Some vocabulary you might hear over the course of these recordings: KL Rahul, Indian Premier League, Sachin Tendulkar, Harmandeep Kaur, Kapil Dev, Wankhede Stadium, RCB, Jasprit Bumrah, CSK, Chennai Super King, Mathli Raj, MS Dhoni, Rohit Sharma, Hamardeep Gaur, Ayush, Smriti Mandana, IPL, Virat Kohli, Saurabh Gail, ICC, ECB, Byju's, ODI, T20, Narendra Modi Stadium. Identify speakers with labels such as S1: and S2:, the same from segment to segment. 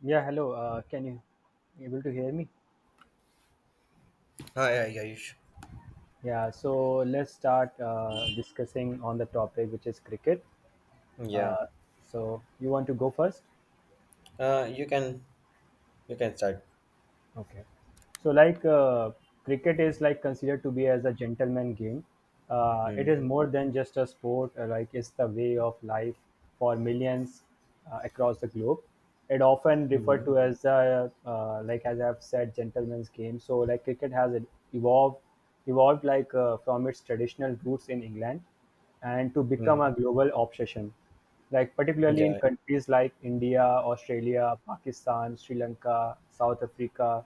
S1: Yeah, hello. Can you able to hear me?
S2: Hi, hi, Ayush.
S1: Yeah, so let's start discussing on the topic which is cricket.
S2: Yeah.
S1: Uh, so you want to go first?
S2: Uh, you can you can start.
S1: Okay. So, like cricket is like considered to be as a gentleman game. It
S2: Mm-hmm.
S1: is more than just a sport. Like it's the way of life for millions across the globe. It often
S2: Mm-hmm.
S1: referred to as a, like as I've said, gentleman's game. So, like cricket has evolved, evolved like from its traditional roots in England, and to become a global obsession like particularly in
S2: Yeah.
S1: countries like India, Australia, Pakistan, Sri Lanka, South Africa.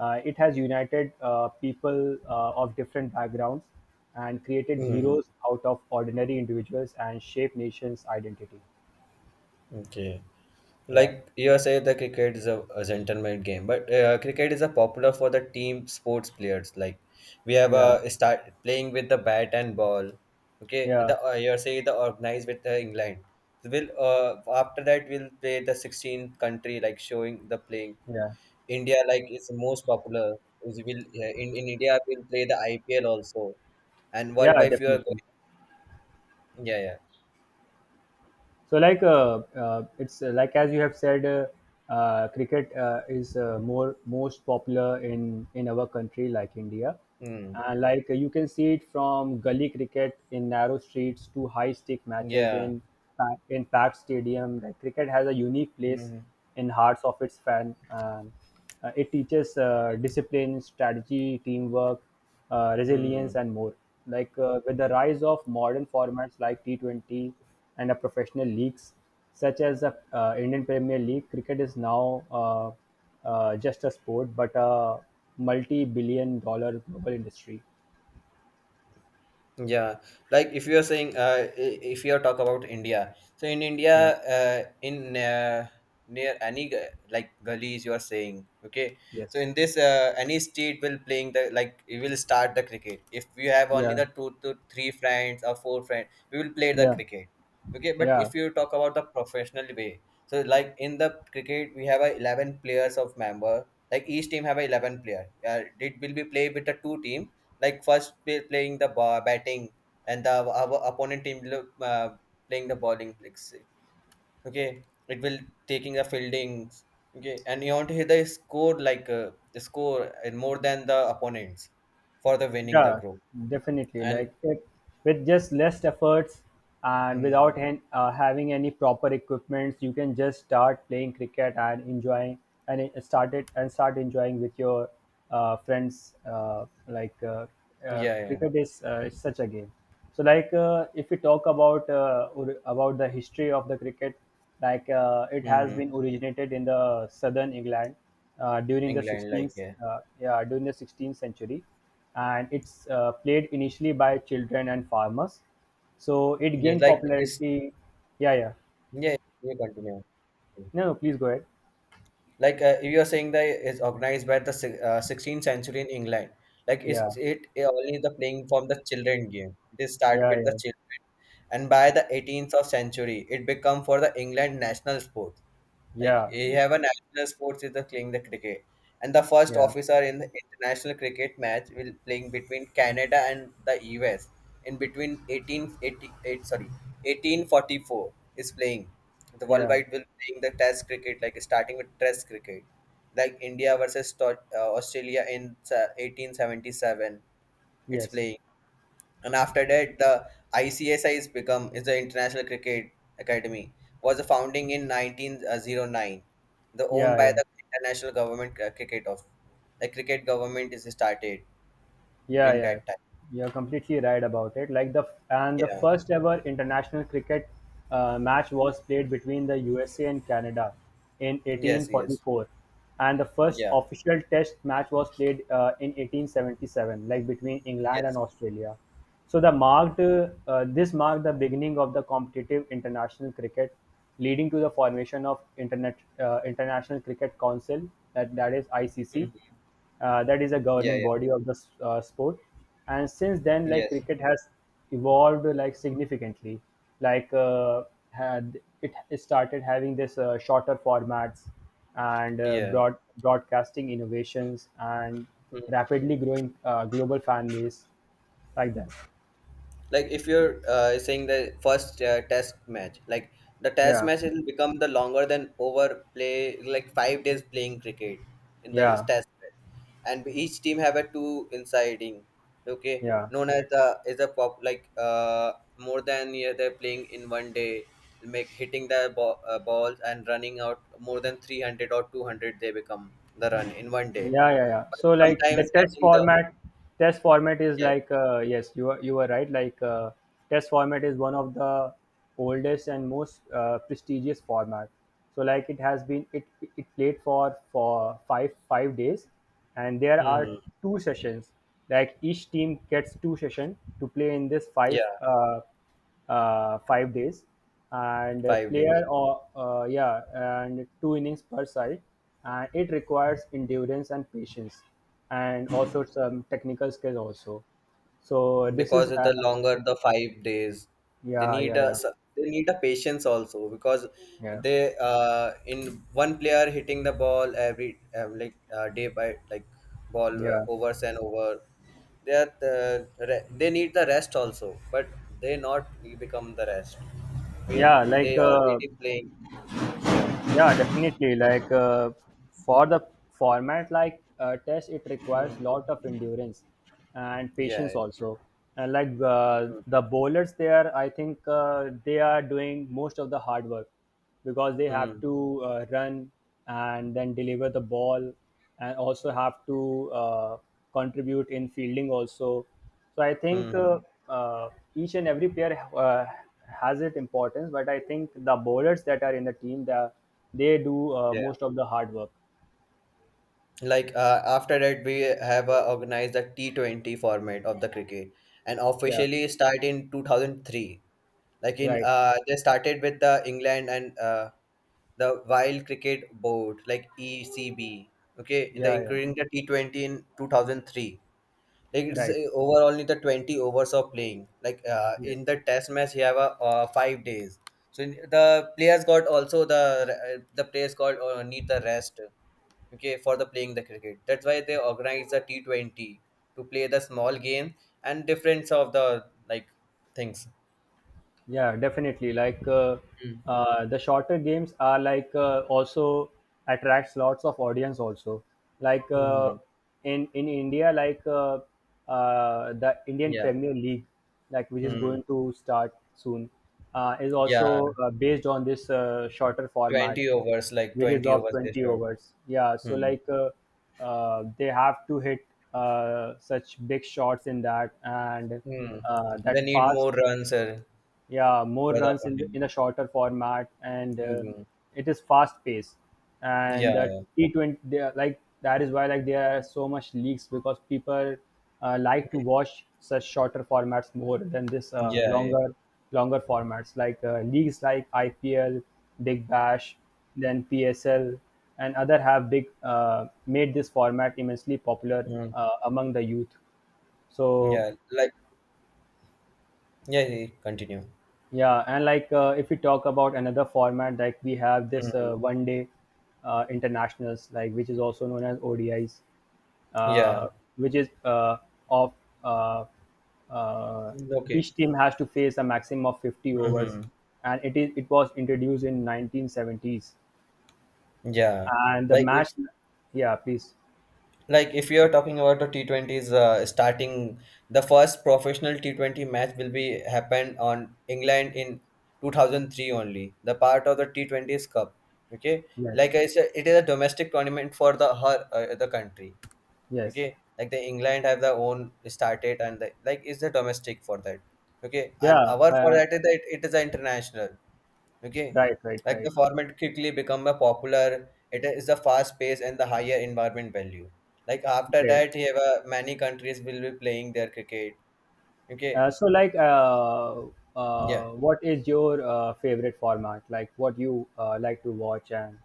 S1: It has united people of different backgrounds and created
S2: Hmm.
S1: heroes out of ordinary individuals and shaped nations' identity.
S2: Okay.
S1: Yeah,
S2: Like you say, the cricket is a gentleman game, but cricket is a popular for the team sports players. Like we have
S1: yeah,
S2: a start playing with the bat and ball. Okay,
S1: yeah,
S2: the you say the organized with the England. Will after that we'll play the 16 country like showing the playing.
S1: yeah,
S2: India like is most popular. Is will, yeah, in India will play the IPL also, and
S1: yeah,
S2: worldwide if you are
S1: definitely.
S2: going, yeah,
S1: So, like, it's like as you have said, cricket is more most popular in our country, like India.
S2: yeah, mm.
S1: Like you can see it from gully cricket in narrow streets to high stick matches
S2: Yeah,
S1: in packed stadium. Like cricket has a unique place
S2: mm.
S1: in hearts of its fan. It teaches discipline, strategy, teamwork, resilience,
S2: Hmm.
S1: and more. Like with the rise of modern formats like T20 and the professional leagues, such as the Indian Premier League, cricket is now just a sport but a multi billion dollar global industry.
S2: Yeah, like if you are saying, if you are talk about India, so in India,
S1: Yeah,
S2: in near any like gullies, you are saying, okay. So
S1: yes,
S2: in this, any state will playing the like we will start the cricket. If we have only
S1: yeah,
S2: the two to three friends or four friends, we will play the
S1: yeah,
S2: cricket, okay. But
S1: yeah.
S2: if you talk about the professional way, so like in the cricket, we have a 11 players of member. Like each team have a 11 player. It will be played with the two team, like first play, playing the ball, batting and the our opponent team playing the bowling like say, okay it will taking the fieldings, okay and you want to hit the score like the score and more than the opponents for the winning the
S1: Yeah,
S2: group
S1: definitely.
S2: and
S1: Like it, with just less efforts and without
S2: mm,
S1: having any proper equipments, you can just start playing cricket and enjoying, and it started and start enjoying with your friends. Like
S2: yeah, yeah.
S1: cricket is such a game. So like if we talk about about the history of the cricket, like it has
S2: Hmm.
S1: been originated in the southern England during the
S2: England like,
S1: 16th
S2: yeah.
S1: uh, yeah during the 16th century, and it's played initially by children and farmers. So it
S2: Just
S1: gained
S2: like it's,
S1: popularity. Yeah, yeah.
S2: yeah, you continue.
S1: No, no, please go ahead.
S2: Like you are saying that it's organized by the 16th century in England, like
S1: Yeah,
S2: it's it only the playing from the children game, it is start
S1: yeah,
S2: with the
S1: yeah,
S2: children, and by the 18th of century it become for the England national sport. Like
S1: yeah,
S2: we have a national sports is the playing the cricket, and the first
S1: yeah,
S2: officer in the international cricket match will playing between Canada and the US in between 1888 sorry 1844 is playing. The
S1: yeah.
S2: worldwide will playing the Test cricket like starting with Test cricket, like India versus Australia in 1877. It's
S1: Yes,
S2: playing and after that the ICSI is become is the International Cricket Academy was founding in 1909 the owned
S1: yeah,
S2: by
S1: yeah.
S2: the international government cricket of the cricket government is started
S1: Yeah,
S2: during
S1: yeah,
S2: that time.
S1: you're completely right about it. Like the
S2: Yeah,
S1: first ever international cricket match was played between the USA and Canada in
S2: yes, yes.
S1: 1844, and the first
S2: Yeah.
S1: official Test match was played in 1877, like between England and
S2: Yes.
S1: Australia. So the marked this marked the beginning of the competitive international cricket, leading to the formation of internet international cricket council, that is ICC,
S2: Mhm.
S1: that is a
S2: Yeah,
S1: governing
S2: yeah,
S1: body of the sport. And since then, like,
S2: yes,
S1: cricket has evolved like significantly, like had it started having this shorter formats and
S2: yeah.
S1: broadcasting innovations and
S2: Mm-hmm.
S1: rapidly growing global fan base, like that.
S2: Like if you're saying the first test match like the test
S1: Yeah,
S2: match will become the longer than over play like 5 days playing cricket in the
S1: yeah,
S2: test match, and each team have a two insiding, okay,
S1: yeah,
S2: known as the is a pop like more than, yeah, they're playing in one day, make hitting the ball, balls and running out more than 300 or 200 they become the run in one day,
S1: yeah, yeah, yeah.
S2: but
S1: So like the
S2: sometimes getting the,
S1: test format is
S2: yeah,
S1: like yes, you are right. Like test format is one of the oldest and most prestigious format. So like it has been it played for five days, and there are
S2: hmm,
S1: two sessions. Like each team gets two session to play in this five.
S2: yeah,
S1: 5 days, and a
S2: 5 days
S1: player or yeah and two innings per side, and it requires endurance and patience and also some technical skill also, so this is
S2: because of the longer the 5 days they
S1: yeah,
S2: need
S1: yeah,
S2: a
S1: yeah,
S2: they need a patience also because
S1: yeah,
S2: they in one player hitting the ball every like day by like ball
S1: yeah,
S2: overs and over they are they need the rest also, but they not become the rest they,
S1: yeah, like,
S2: they already playing. Yeah.
S1: yeah, definitely. Like for the format like test, it
S2: Hmm.
S1: requires lot of endurance and
S2: Yeah,
S1: patience also. And like
S2: yeah.
S1: the bowlers there, I think they are doing most of the hard work because they have
S2: Hmm.
S1: to run and then deliver the ball and also have to contribute in fielding also. So I
S2: Hmm.
S1: think
S2: Hmm.
S1: uh, each and every player has its importance, but I think the bowlers that are in the team, they do
S2: Yeah,
S1: most of the hard work.
S2: like after that we have organized the T20 format of the cricket and
S1: Yeah,
S2: officially start in 2003, like in
S1: right.
S2: they started with the England and the Wild Cricket Board like ECB, okay in the
S1: Yeah, yeah,
S2: including the T20 in 2003. Like it's
S1: right.
S2: overall only the 20 overs of playing. Like
S1: Yes.
S2: in the test match, you have a 5 days. So in- the players got also the the players got need the rest. Okay, for the playing the cricket. That's why they organize the T 20 to play the small game and difference of the like things.
S1: Yeah, definitely. Like
S2: Mm.
S1: the shorter games are like also attracts lots of audience also. Like
S2: Hmm.
S1: in India, like the Indian
S2: Yeah.
S1: Premier League, like which is
S2: Hmm.
S1: going to start soon, is
S2: Yeah.
S1: also based on this shorter format,
S2: 20 overs, like
S1: which is
S2: 20
S1: of
S2: overs they
S1: 20
S2: shot.
S1: overs. Yeah, so
S2: Hmm.
S1: like they have to hit such big shots in that, and
S2: Hmm. They
S1: that
S2: need
S1: fast,
S2: more runs
S1: yeah, more
S2: for the
S1: runs
S2: opponent.
S1: in a shorter format, and
S2: Hmm.
S1: it is fast paced, and the
S2: Yeah,
S1: T20 they are, like that is why like there are so much leaks because people like to watch such shorter formats more than this
S2: yeah, yeah,
S1: longer formats, like leagues like IPL, Big Bash, then PSL, and other have big made this format immensely popular
S2: mm,
S1: among the youth, so.
S2: yeah. Like, yeah, yeah, continue.
S1: Yeah, and like if we talk about another format, like we have this
S2: Mm,
S1: one day internationals, like which is also known as ODIs,
S2: yeah.
S1: uh, which is of uh, uh,
S2: Okay.
S1: each team has to face a maximum of 50 overs,
S2: Hmm.
S1: and it was introduced in 1970s,
S2: Yeah.
S1: and the
S2: Like
S1: match,
S2: if
S1: yeah, please,
S2: like if you're talking about the T20s starting the first professional T20 match will be happened on England in 2003 only. The part of the T20s Cup. Okay.
S1: yes,
S2: Like I said, it is a domestic tournament for the her the country. Okay,
S1: yes,
S2: like the England have their own started and like is the domestic for that, okay, and
S1: yeah,
S2: our for that is that it is the international, okay,
S1: right, right,
S2: like the
S1: right,
S2: format quickly become a popular, it is a fast pace and the higher environment value. Like after
S1: okay.
S2: that you have many countries will be playing their cricket, okay,
S1: So, like,
S2: yeah.
S1: what is your favorite format? Like, what you like to watch, and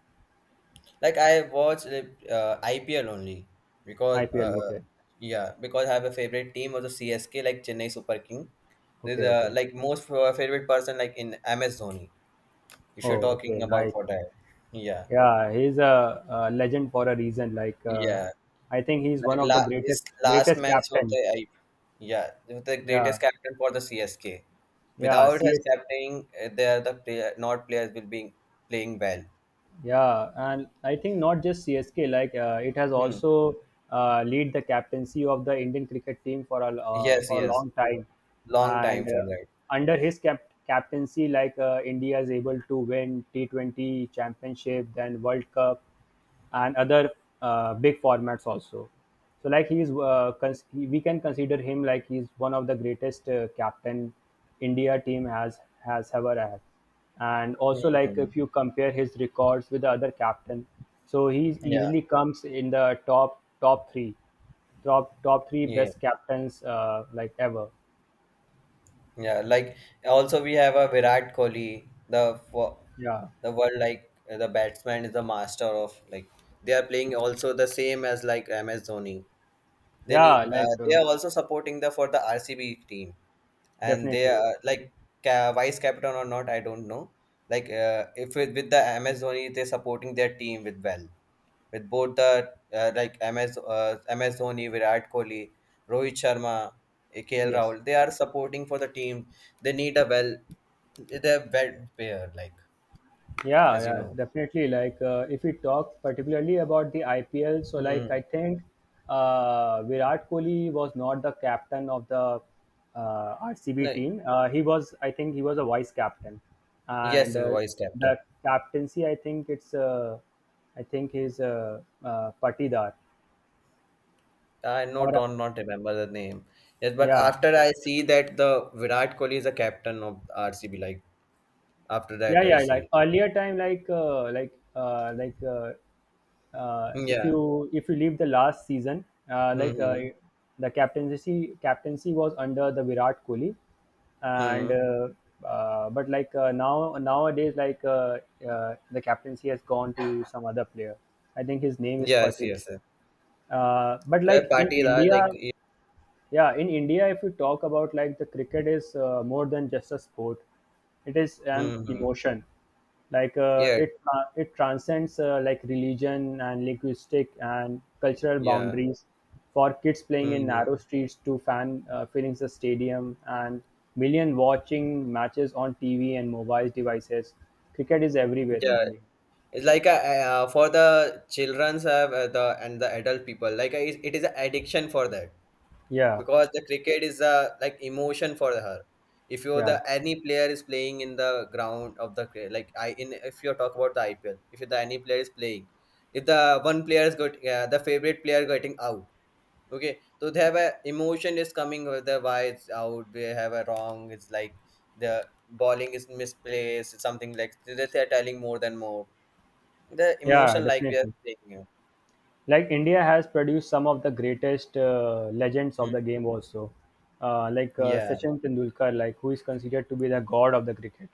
S2: Like I watch like, IPL only because
S1: IPL? Okay,
S2: yeah because I have a favorite team of the CSK like Chennai Super King. There's
S1: okay,
S2: a
S1: okay.
S2: like most favorite person like in MS Dhoni. If you're
S1: Oh, okay,
S2: talking about
S1: right.
S2: for that, yeah,
S1: Yeah, he's a legend for a reason. Like,
S2: yeah,
S1: I think he's
S2: like
S1: one of
S2: la
S1: the
S2: his last
S1: greatest
S2: match of
S1: captain.
S2: the I, yeah, with the
S1: Yeah,
S2: greatest captain for the CSK.
S1: yeah.
S2: Without his
S1: CS
S2: captaining, there the player not players will be playing well.
S1: Yeah, and I think not just CSK, like it has
S2: Hmm.
S1: also lead the captaincy of the Indian cricket team
S2: Yes,
S1: for a
S2: yes.
S1: long time,
S2: Long
S1: and
S2: time for that.
S1: under his captaincy, like India is able to win T 20 Championship, then World Cup, and other big formats also. So like he's we can consider him like he's one of the greatest captain India team has ever had. And
S2: Hmm.
S1: also like
S2: Hmm.
S1: if you compare his records with the other captain, so he
S2: Yeah.
S1: easily comes in the top three, top three
S2: Yeah.
S1: best captains like ever.
S2: Yeah, like also we have a Virat Kohli,
S1: Yeah,
S2: the world like the batsman is the master of like they are playing also the same as like MS Dhoni. They need,
S1: yeah, like
S2: they are also supporting the for the RCB team, and they
S1: definitely,
S2: are
S1: yeah.
S2: like vice captain or not, I don't know. Like if with, with the MS Dhoni, they're supporting their team with well with both the like MS Dhoni, Virat Kohli, Rohit Sharma, KL
S1: Yes.
S2: Rahul. They are supporting for the team. They need a well they're well pair like
S1: Yeah,
S2: as you
S1: yeah,
S2: know.
S1: definitely. Like, if we talk particularly about the IPL, so
S2: Hmm.
S1: like I think Virat Kohli was not the captain of the RCB
S2: No,
S1: team. He was, I think, he was a vice captain,
S2: yes,
S1: and
S2: the Vice captain.
S1: the captaincy, I think it's, I think he's Patidar,
S2: I know,
S1: or
S2: don't not remember the name. Yes, but
S1: yeah,
S2: after I see that the Virat Kohli is the captain of RCB, like after
S1: yeah,
S2: that I
S1: yeah, like
S2: see.
S1: earlier time, like if
S2: Yeah.
S1: you if you leave the last season, like
S2: Mm-hmm.
S1: the captaincy was under the Virat Kohli, and
S2: Hmm.
S1: but like now nowadays, like the captaincy has gone to some other player. I think his name is
S2: Yes,
S1: Patil,
S2: yes, yes.
S1: but like in
S2: Parties are
S1: India,
S2: like.
S1: yeah, in India, if we talk about, like, the cricket is more than just a sport, it is an
S2: Mm-hmm.
S1: emotion, like
S2: Yeah.
S1: it transcends like religion and linguistic and cultural
S2: Yeah.
S1: boundaries, for kids playing in narrow
S2: Mm-hmm.
S1: streets to fan filling the stadium and million watching matches on TV and mobile devices. Cricket is everywhere in
S2: Yeah.
S1: India.
S2: It's like a, for the childrens have the and the adult people like it it is an addiction for that.
S1: Yeah,
S2: Because the cricket is a like emotion for her, if you're the
S1: yeah,
S2: any player is playing in the ground of the like I in if you talk about the IPL, if the any player is playing, if the one player is got the favorite player getting out, okay, so they have a emotion is coming with the why it's out, they have a wrong, it's like the bowling is misplaced, it's something like they are telling more than more the
S1: yeah,
S2: emotion like we are
S1: definitely.
S2: saying,
S1: Like India has produced some of the greatest legends of the
S2: Mhm.
S1: game also, like
S2: Yeah,
S1: Sachin Tendulkar, like who is considered to be the god of the cricket,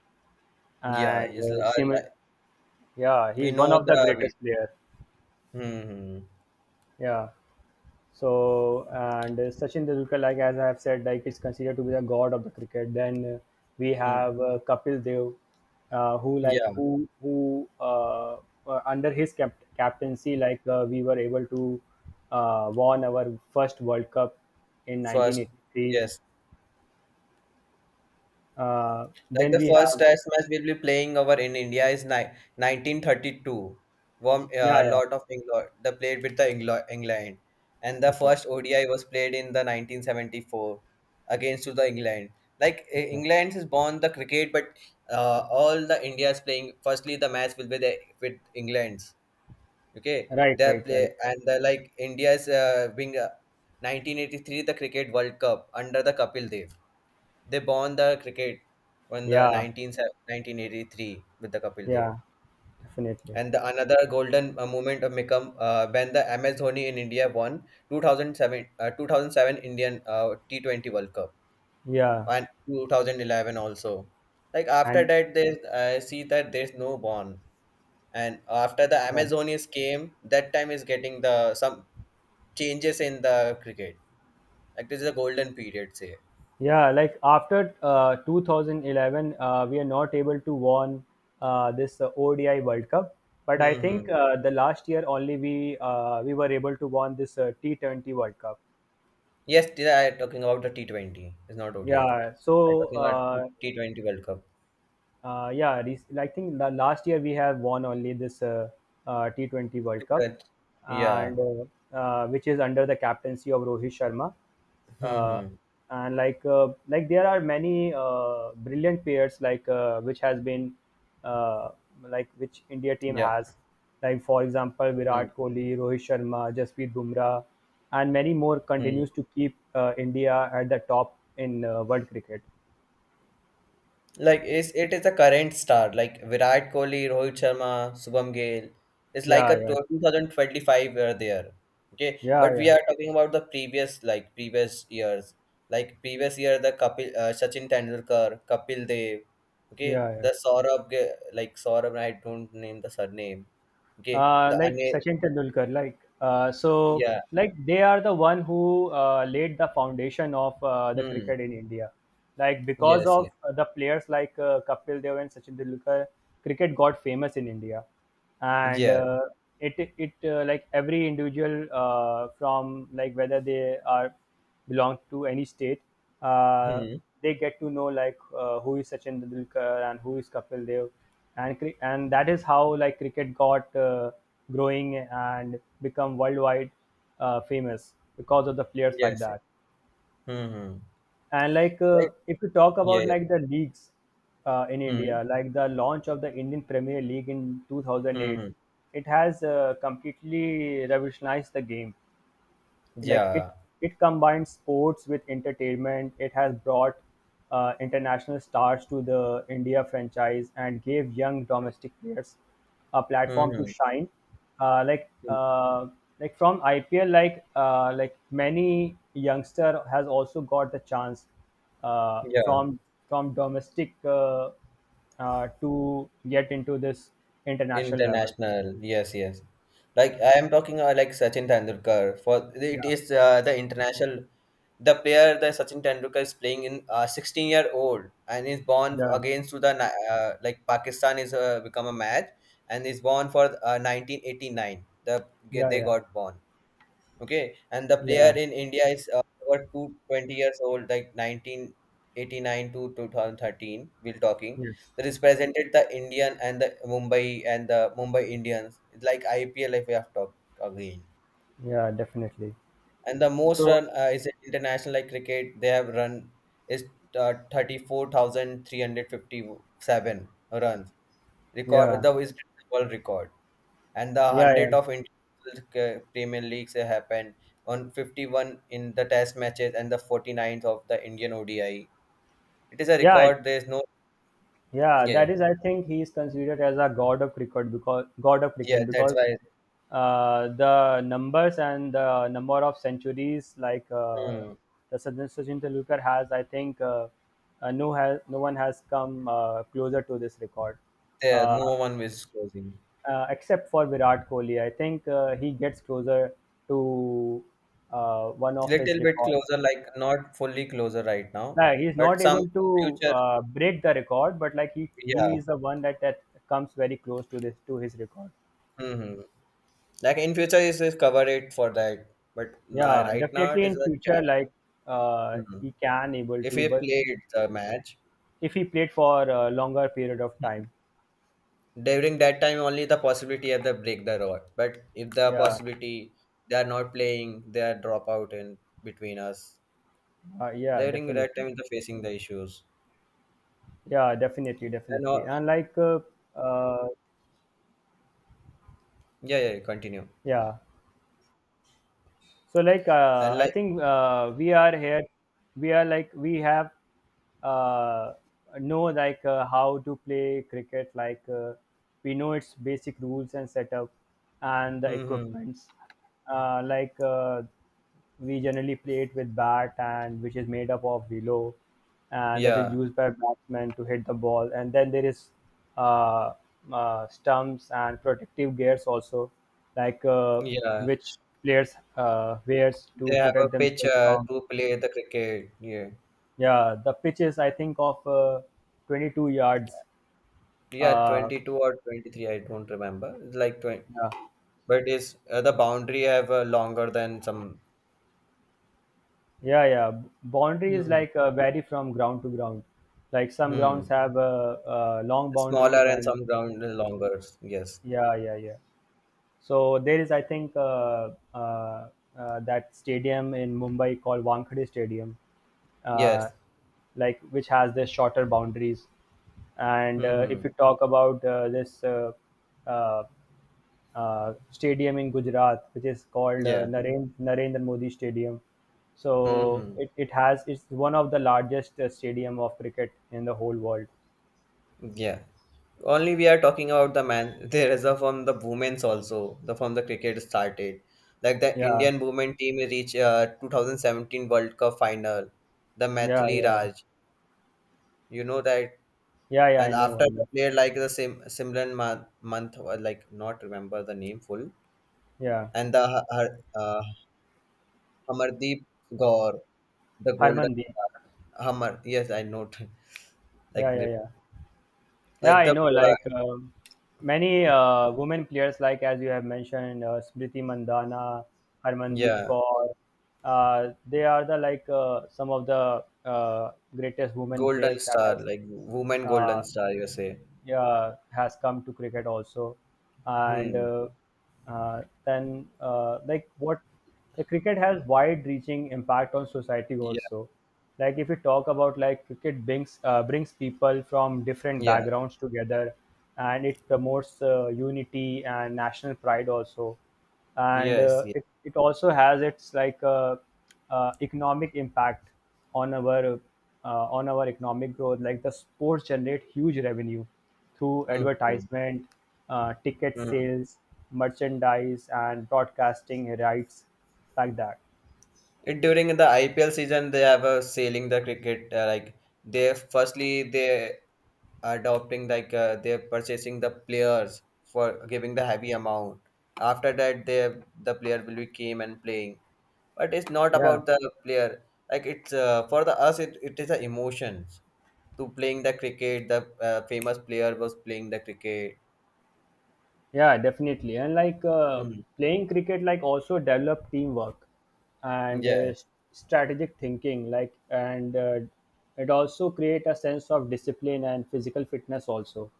S2: yeah,
S1: and
S2: is
S1: Simran,
S2: like,
S1: yeah, he
S2: we
S1: is one
S2: know
S1: of the
S2: the we,
S1: greatest player.
S2: hmm, hmm.
S1: Yeah. So, and Sachin Tendulkar, like as I have said, like is considered to be the god of the cricket. Then we
S2: Hmm.
S1: have Kapil Dev,
S2: Yeah,
S1: who under his captaincy, like we were able to won our first World Cup in
S2: first,
S1: 1983.
S2: yes.
S1: Uh,
S2: Like
S1: then
S2: the
S1: we
S2: first
S1: have.
S2: test match we'll be playing over in India is ni 1932. Warm,
S1: Yeah, yeah,
S2: lot of England, they played with the England. And the
S1: okay,
S2: first ODI was played in the 1974 against to the England. Like
S1: okay,
S2: England is born the cricket, but all the India is playing. Firstly, the match will be the, with England's. Okay,
S1: right,
S2: they
S1: right, right,
S2: play and the like India's being 1983 the Cricket World Cup under the Kapil Dev. They bond the cricket when the
S1: yeah,
S2: 1983 with the Kapil Dev.
S1: yeah, definitely,
S2: And the another golden moment of Mikam when the MS Dhoni in India won 2007 Indian T20 World Cup
S1: yeah,
S2: and 2011 also. Like after
S1: and.
S2: that, they I see that there's no bond. And after the
S1: Yeah.
S2: MS Dhoni's came, that time is getting the some changes in the cricket. Like this is a golden period, say.
S1: Yeah, like after 2011, we are not able to won this ODI World Cup. But I
S2: Hmm,
S1: think
S2: hmm.
S1: the last year only we were able to won this T20 World Cup.
S2: Yes, they are talking about the T20. It's not ODI.
S1: Yeah,
S2: I'm
S1: so
S2: talking about T20 World Cup.
S1: Yeah, I think last year we have won only this T20 World
S2: Two
S1: Cup,
S2: touch. Yeah.
S1: and which is under the captaincy of Rohit Sharma. Uh,
S2: Mm-hmm.
S1: and like there are many brilliant players like which has been uh, like which India team
S2: Yeah.
S1: has, like, for example, Virat Kohli, Rohit Sharma, Jasprit Bumrah, and many more
S2: Mm-hmm.
S1: continues to keep India at the top in world cricket.
S2: Like it's, it is a current star like Virat Kohli, Rohit Sharma, Subham Gail. It's like
S1: Yeah,
S2: a
S1: yeah,
S2: 2025 were there. Okay,
S1: yeah,
S2: but we
S1: yeah,
S2: are talking about the previous like previous years. Like previous year, the Kapil Sachin Tendulkar, Kapil Dev. Okay,
S1: yeah, yeah.
S2: the like Saurabh. I don't name the surname. Okay,
S1: uh,
S2: the
S1: like
S2: Anil.
S1: Sachin Tendulkar, like so,
S2: Yeah.
S1: like they are the one who laid the foundation of the
S2: Hmm.
S1: cricket in India. Like because
S2: Yes. Yeah.
S1: of the players like Kapil Dev and Sachin Tendulkar, cricket got famous in India, and
S2: Yeah.
S1: it like every individual from like whether they are belong to any state, uh,
S2: Hmm.
S1: they get to know like who is Sachin Tendulkar and who is Kapil Dev, and that is how like cricket got growing and become worldwide famous because of the players like
S2: Yes, yeah.
S1: that.
S2: Hmm, hmm.
S1: And like
S2: Like.
S1: if you talk
S2: Yeah,
S1: about
S2: yeah.
S1: like the leagues in
S2: Hmm.
S1: India, like the launch of the Indian Premier League in
S2: Hmm,
S1: 2008,
S2: hmm.
S1: it has completely revolutionized the game like it
S2: Yeah.
S1: it combines sports with entertainment. It has brought international stars to the India franchise and gave young domestic players a
S2: Hmm.
S1: platform to
S2: Hmm.
S1: shine. Uh, like
S2: Hmm.
S1: uh, like from IPL, like many youngster has also got the chance uh,
S2: Yeah.
S1: from from domestic to get into this international level.
S2: International. Yes. Yes. Like I am talking like Sachin Tendulkar. For it
S1: Yeah,
S2: is the international, the player the Sachin Tendulkar is playing in 16-year-old and is born
S1: yeah,
S2: against to the like Pakistan is become a match and is born for 1989. The
S1: yeah,
S2: they
S1: yeah,
S2: got born. Okay, and the player
S1: yeah.
S2: in India is over two twenty years old, like 1989 to 2013. We're talking.
S1: Yes.
S2: They represented the Indian and the Mumbai Indians. It's like IPL if we have talked again.
S1: Yeah, definitely.
S2: And the most
S1: So,
S2: run is international like cricket. They have run is 34,357 runs. Record
S1: yeah,
S2: the is world record and the
S1: yeah,
S2: 100
S1: yeah,
S2: of international Premier Leagues happened on 51 in the test matches and the forty ninth of the Indian ODI. It is a
S1: yeah,
S2: record. There's no.
S1: yeah.
S2: Yeah, yeah,
S1: That is, I think he is considered as a god of cricket
S2: yeah. That's
S1: because
S2: why
S1: the numbers and the number of centuries like
S2: hmm,
S1: the Sachin Tendulkar has, I think, no has no one has come closer to this record,
S2: there no
S1: uh,
S2: one is closing.
S1: except for Virat Kohli. I think he gets closer to one of his
S2: Little bit
S1: records.
S2: closer, like not fully closer right now,
S1: No, he's
S2: but
S1: not
S2: some
S1: able
S2: in
S1: to
S2: future.
S1: break the record, but like he
S2: Yeah.
S1: he is the one that comes very close to this to his record.
S2: Hmm. Like in future, is cover it for that. But now,
S1: Yeah,
S2: right now, it
S1: definitely
S2: is
S1: in
S2: a
S1: future,
S2: cap.
S1: like
S2: Mhm.
S1: he can able
S2: If
S1: to,
S2: he
S1: but
S2: played the match,
S1: if he played for a longer period of time,
S2: during that time, only the possibility of the break the rod. But if the
S1: yeah,
S2: possibility they are not playing, they are drop out in between us.
S1: uh, yeah,
S2: During
S1: definitely,
S2: that time, they're facing the issues.
S1: yeah, definitely,
S2: And
S1: definitely,
S2: all,
S1: and like uh,
S2: yeah, yeah, continue.
S1: yeah, so like
S2: And
S1: I
S2: like,
S1: think we are here we are like we have uh, know like how to play cricket like we know its basic rules and setup and the
S2: mm-hmm,
S1: equipments uh, like uh, we generally play it with bat and which is made up of willow, and that is
S2: yeah,
S1: used by batsmen to hit the ball. And then there is uh, stumps and protective gears also, like uh,
S2: yeah,
S1: which players wears
S2: they
S1: to
S2: have a
S1: protect themselves
S2: pitcher
S1: from.
S2: to play the cricket. Yeah,
S1: Yeah, the pitch is I think of 22 yards.
S2: yeah,
S1: Uh,
S2: 22 or 23. I don't remember. It's like 20,
S1: yeah,
S2: but it's the boundary have longer than some.
S1: yeah, yeah. Boundary is
S2: Hmm.
S1: like vary from ground to ground. Like some grounds
S2: Hmm.
S1: have long
S2: Smaller
S1: boundaries
S2: and
S1: and
S2: some ground longer. Yes.
S1: yeah, yeah, yeah. So there is, I think, that stadium in Mumbai called Wankhede Stadium, uh,
S2: Yes.
S1: like which has the shorter boundaries. And
S2: Mm-hmm.
S1: if you talk about this uh, stadium in Gujarat, which is called
S2: Yeah.
S1: Narendra Modi Stadium, so
S2: Mm-hmm.
S1: it has it's one of the largest stadium of cricket in the whole world.
S2: Yeah. Only we are talking about the man. There is a from the women's also. The from the cricket started, like the
S1: Yeah,
S2: Indian women team reached 2017 World Cup final. The
S1: yeah,
S2: Mathli
S1: yeah,
S2: Raj, you know that,
S1: yeah, yeah. Yeah, I
S2: and
S1: know,
S2: after
S1: I
S2: the
S1: know.
S2: player like the same similar month, month or like not remember the name full,
S1: Yeah,
S2: and the uh, Hamardeep Gaur, the golden
S1: Harmandeep.
S2: star. Hamar. Yes, I know.
S1: Yeah,
S2: like
S1: yeah, yeah. Yeah,
S2: like
S1: I
S2: the
S1: know.
S2: uh,
S1: Like many women players, like as you have mentioned, Smriti Mandana, Harmandeep
S2: yeah,
S1: Kaur, they are the like some of the greatest women players
S2: Golden
S1: that
S2: Star,
S1: has
S2: like woman
S1: uh,
S2: Golden Star, you say.
S1: yeah, has come to cricket also, and
S2: Hmm.
S1: then like what the cricket has wide-reaching impact on society
S2: Yeah.
S1: also. Like if you talk about like cricket brings people from different
S2: Yeah.
S1: backgrounds together, and it promotes unity and national pride also and
S2: Yes. Yeah.
S1: it also has its like economic impact on our on our economic growth like the sports generate huge revenue through advertisement ticket
S2: Mm-hmm.
S1: sales merchandise and broadcasting rights like that.
S2: It during the IPL season they have a sailing the cricket like they firstly they adopting like they're purchasing the players for giving the
S1: Yes.
S2: heavy amount after that they the player will be came and playing, but it's not
S1: Yeah.
S2: about the player like it's for the us it is the emotions to playing the cricket the famous player was playing the cricket.
S1: Yeah, definitely. And like
S2: Hmm.
S1: playing cricket, like also develop teamwork and
S2: Yeah,
S1: s- strategic thinking. Like and It also create a sense of discipline and physical fitness also,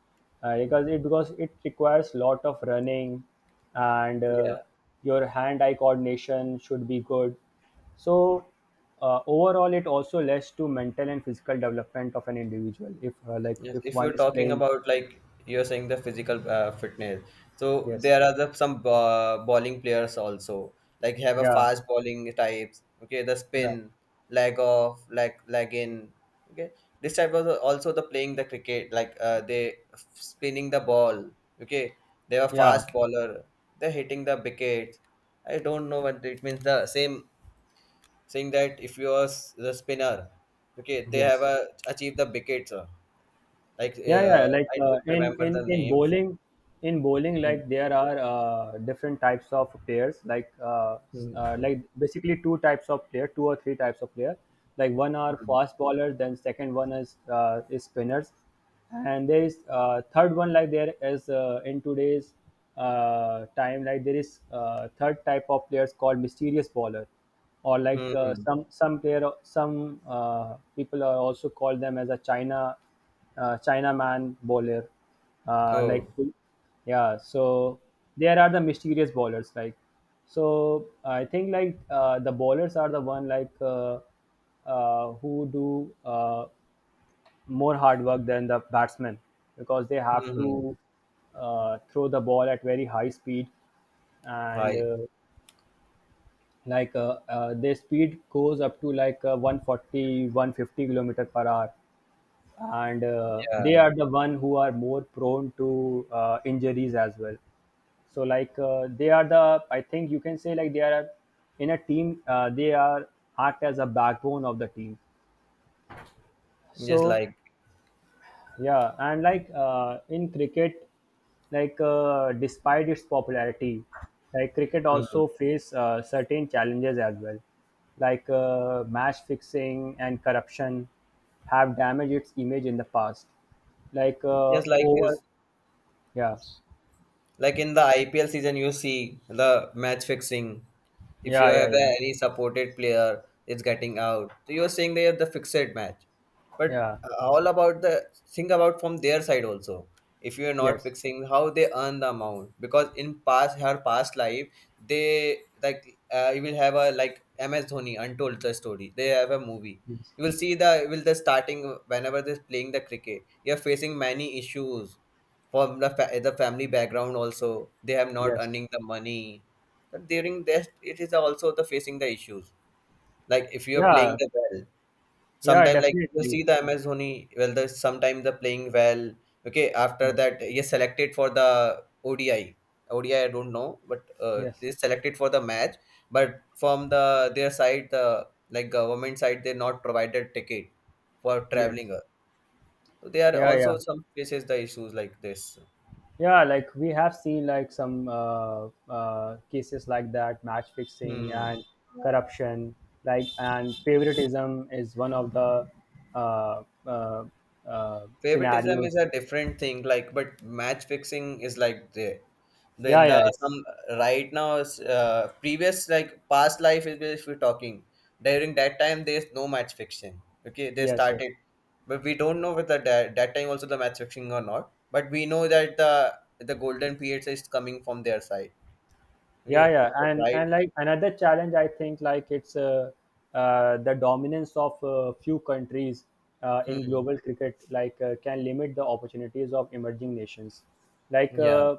S1: because it requires lot of running, and
S2: yeah.
S1: your hand-eye coordination should be good. So overall, it also leads to mental and physical development of an individual. If like
S2: Yes,
S1: if
S2: if
S1: one
S2: you're
S1: is
S2: talking
S1: playing,
S2: about like you're saying the physical fitness, so
S1: yes,
S2: there are the some bowling players also like have a
S1: yeah,
S2: fast bowling types. Okay, the
S1: yeah,
S2: spin, leg off, leg in. Okay, this type was also the playing the cricket like they spinning the ball. Okay, they are
S1: yeah.
S2: fast bowler. They're hitting the wicket. I don't know what it means. The same saying that if you are the spinner, okay, they have
S1: Yes.
S2: achieved the wickets. Like,
S1: Yeah, yeah. Like
S2: I
S1: uh,
S2: don't
S1: in
S2: remember
S1: in
S2: the
S1: in
S2: names.
S1: bowling, in bowling,
S2: Mm,
S1: like there are different types of players.
S2: mm,
S1: Like basically two types of player, two or three types of player. Like one
S2: mm,
S1: are
S2: mm.
S1: fast bowlers, then second one is spinners, and there is third one like there is in today's time like there is third type of players called mysterious bowler, or like
S2: Mm.
S1: some player some people are also called them as a Chinaman bowler, uh,
S2: Oh,
S1: like yeah. So there are the mysterious bowlers like. So I think like the bowlers are the one like who do more hard work than the batsmen because they
S2: mm.
S1: have to
S2: Mm.
S1: throw the ball at very high speed and
S2: Hi.
S1: their speed goes up to like 140 kilometer per hour and they
S2: Yeah.
S1: are the one who are more prone to injuries as well so like they are the I think you can say like they are in a team they are act as a backbone of the team
S2: Just
S1: so
S2: like,
S1: yeah, and like in cricket, like despite its popularity, like cricket
S2: mm.
S1: also face certain challenges as well, like match fixing and corruption have damaged its image in the past. Like uh,
S2: Just like
S1: over,
S2: is.
S1: yeah,
S2: Like in the IPL season, you see the match fixing. If you
S1: yeah, yeah,
S2: have
S1: yeah,
S2: any supported player it's getting out, so you're saying they have the fixed match. But
S1: yeah,
S2: all about the think about from their side also. If you are not
S1: yes,
S2: fixing, how they earn the amount, because in past her past life they like you will have a like MS Dhoni untold the story. They have a movie.
S1: yes,
S2: You will see the will the starting whenever they're playing the cricket. You're facing many issues from the family background, also they have not
S1: yes,
S2: earning the money, but during that it is also the facing the issues like if you're playing
S1: yeah,
S2: the well
S1: yeah,
S2: sometime like you will
S1: definitely,
S2: see the MS Dhoni well the sometime the playing well, okay, after
S1: yeah.
S2: that he is selected for the odi odi I ODI. I don't know, but
S1: Yes,
S2: they selected for the match, but from the their side the like government side they not provided ticket for
S1: yes,
S2: traveling, so they are
S1: yeah,
S2: also
S1: yeah,
S2: some faces the issues like this.
S1: yeah, like we have seen like some cases like that match fixing
S2: Hmm.
S1: and corruption like and favoritism is one of the uh, uh,
S2: Favoritism is
S1: scenarios.
S2: a different thing, like, but match fixing is like the
S1: Yeah
S2: then the
S1: yeah it's
S2: some right now is previous like past life is if we're talking during that time there's no match fixing. Okay, they
S1: yes, yes,
S2: started, but we don't know whether that time also the match fixing or not. But we know that the golden periods is coming from their side.
S1: yeah,
S2: Okay,
S1: yeah,
S2: but right.
S1: and like another challenge I think like it's the dominance of few countries in
S2: Hmm.
S1: global cricket like can limit the opportunities of emerging nations like
S2: Yeah.
S1: uh,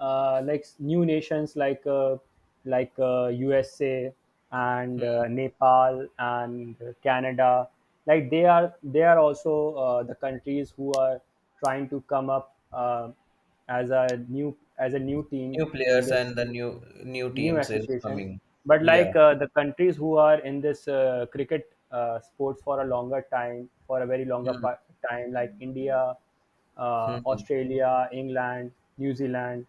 S1: uh, like s- new nations like USA and
S2: Hmm.
S1: Nepal and Canada like they are also the countries who are trying to come up as a new team
S2: New
S1: in
S2: players
S1: this
S2: and the new
S1: new
S2: teams is
S1: association,
S2: coming.
S1: but
S2: Yeah.
S1: like the countries who are in this cricket sports for a longer time for a very
S2: Hmm.
S1: time like India,
S2: Hmm.
S1: Australia, England, New Zealand,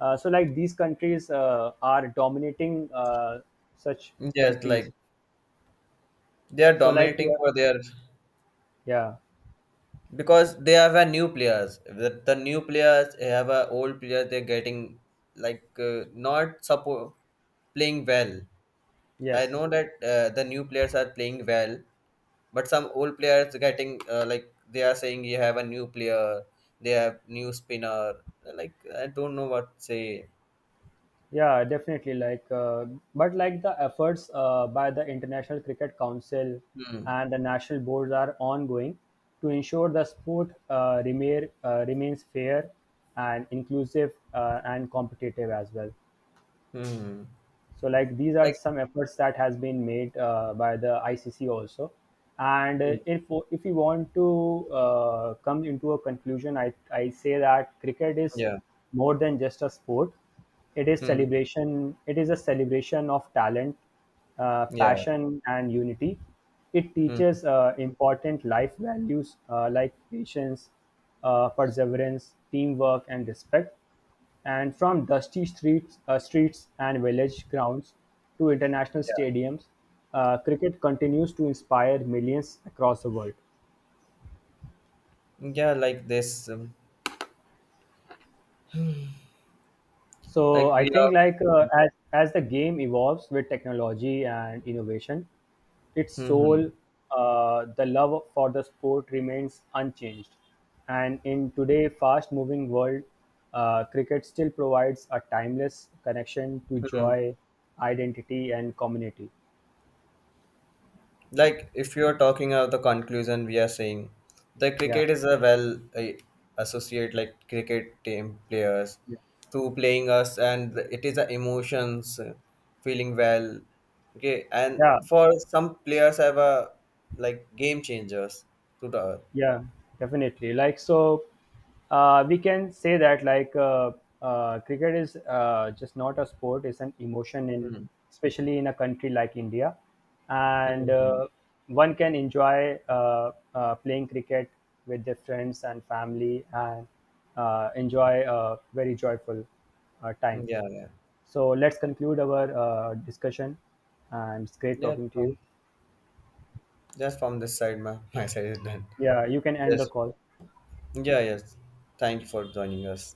S1: so like these countries are dominating such
S2: Yes,
S1: countries.
S2: like they are
S1: So like
S2: dominating
S1: yeah,
S2: for their,
S1: yeah,
S2: because they have a new players. The new players have a old players. They're getting like not support playing well. I
S1: yes.
S2: know that the new players are playing well, but some old players getting like they are saying you have a new player. They have new spinner. Like I don't know what to say.
S1: Yeah, definitely. Like, but like the efforts by the International Cricket Council
S2: Hmm.
S1: and the national boards are ongoing to ensure the sport remains fair and inclusive and competitive as well,
S2: Hmm.
S1: so like these are
S2: Like.
S1: some efforts that has been made by the ICC also. And
S2: Hmm.
S1: if we want to come into a conclusion, I say that cricket is
S2: Yeah.
S1: more than just a sport. It is
S2: Hmm.
S1: celebration, it is a celebration of talent,
S2: Yeah.
S1: passion and unity. It
S2: Hmm.
S1: teaches important life values like patience, perseverance, teamwork and respect. And from dusty streets streets and village grounds to international
S2: Yeah.
S1: stadiums, cricket continues to inspire millions across the world.
S2: Yeah. Like this.
S1: So
S2: Like
S1: I
S2: we
S1: think
S2: are.
S1: like as the game evolves with technology and innovation, its
S2: Hmm.
S1: soul,
S2: Hmm.
S1: the love for the sport remains unchanged. And in today's fast-moving world, cricket still provides a timeless connection to
S2: Hmm.
S1: joy, identity, and community.
S2: Like, if you're talking of the conclusion, we are saying the
S1: Yeah.
S2: cricket is a well associate like cricket team players to playing us, and it is the emotions, feeling well. Okay, and
S1: Yeah,
S2: for some players, have a like game changers to the.
S1: yeah, definitely like so we can say that like cricket is just not a sport, it's an emotion in
S2: Hmm.
S1: especially in a country like India, and
S2: Hmm.
S1: one can enjoy playing cricket with their friends and family and enjoy a very joyful time.
S2: Yeah, yeah,
S1: So let's conclude our discussion, and it's great
S2: yeah.
S1: talking to you.
S2: Just from this side, my side is done.
S1: Yeah, you can end
S2: Yes.
S1: the call.
S2: Yeah, yes. Thank you for joining us.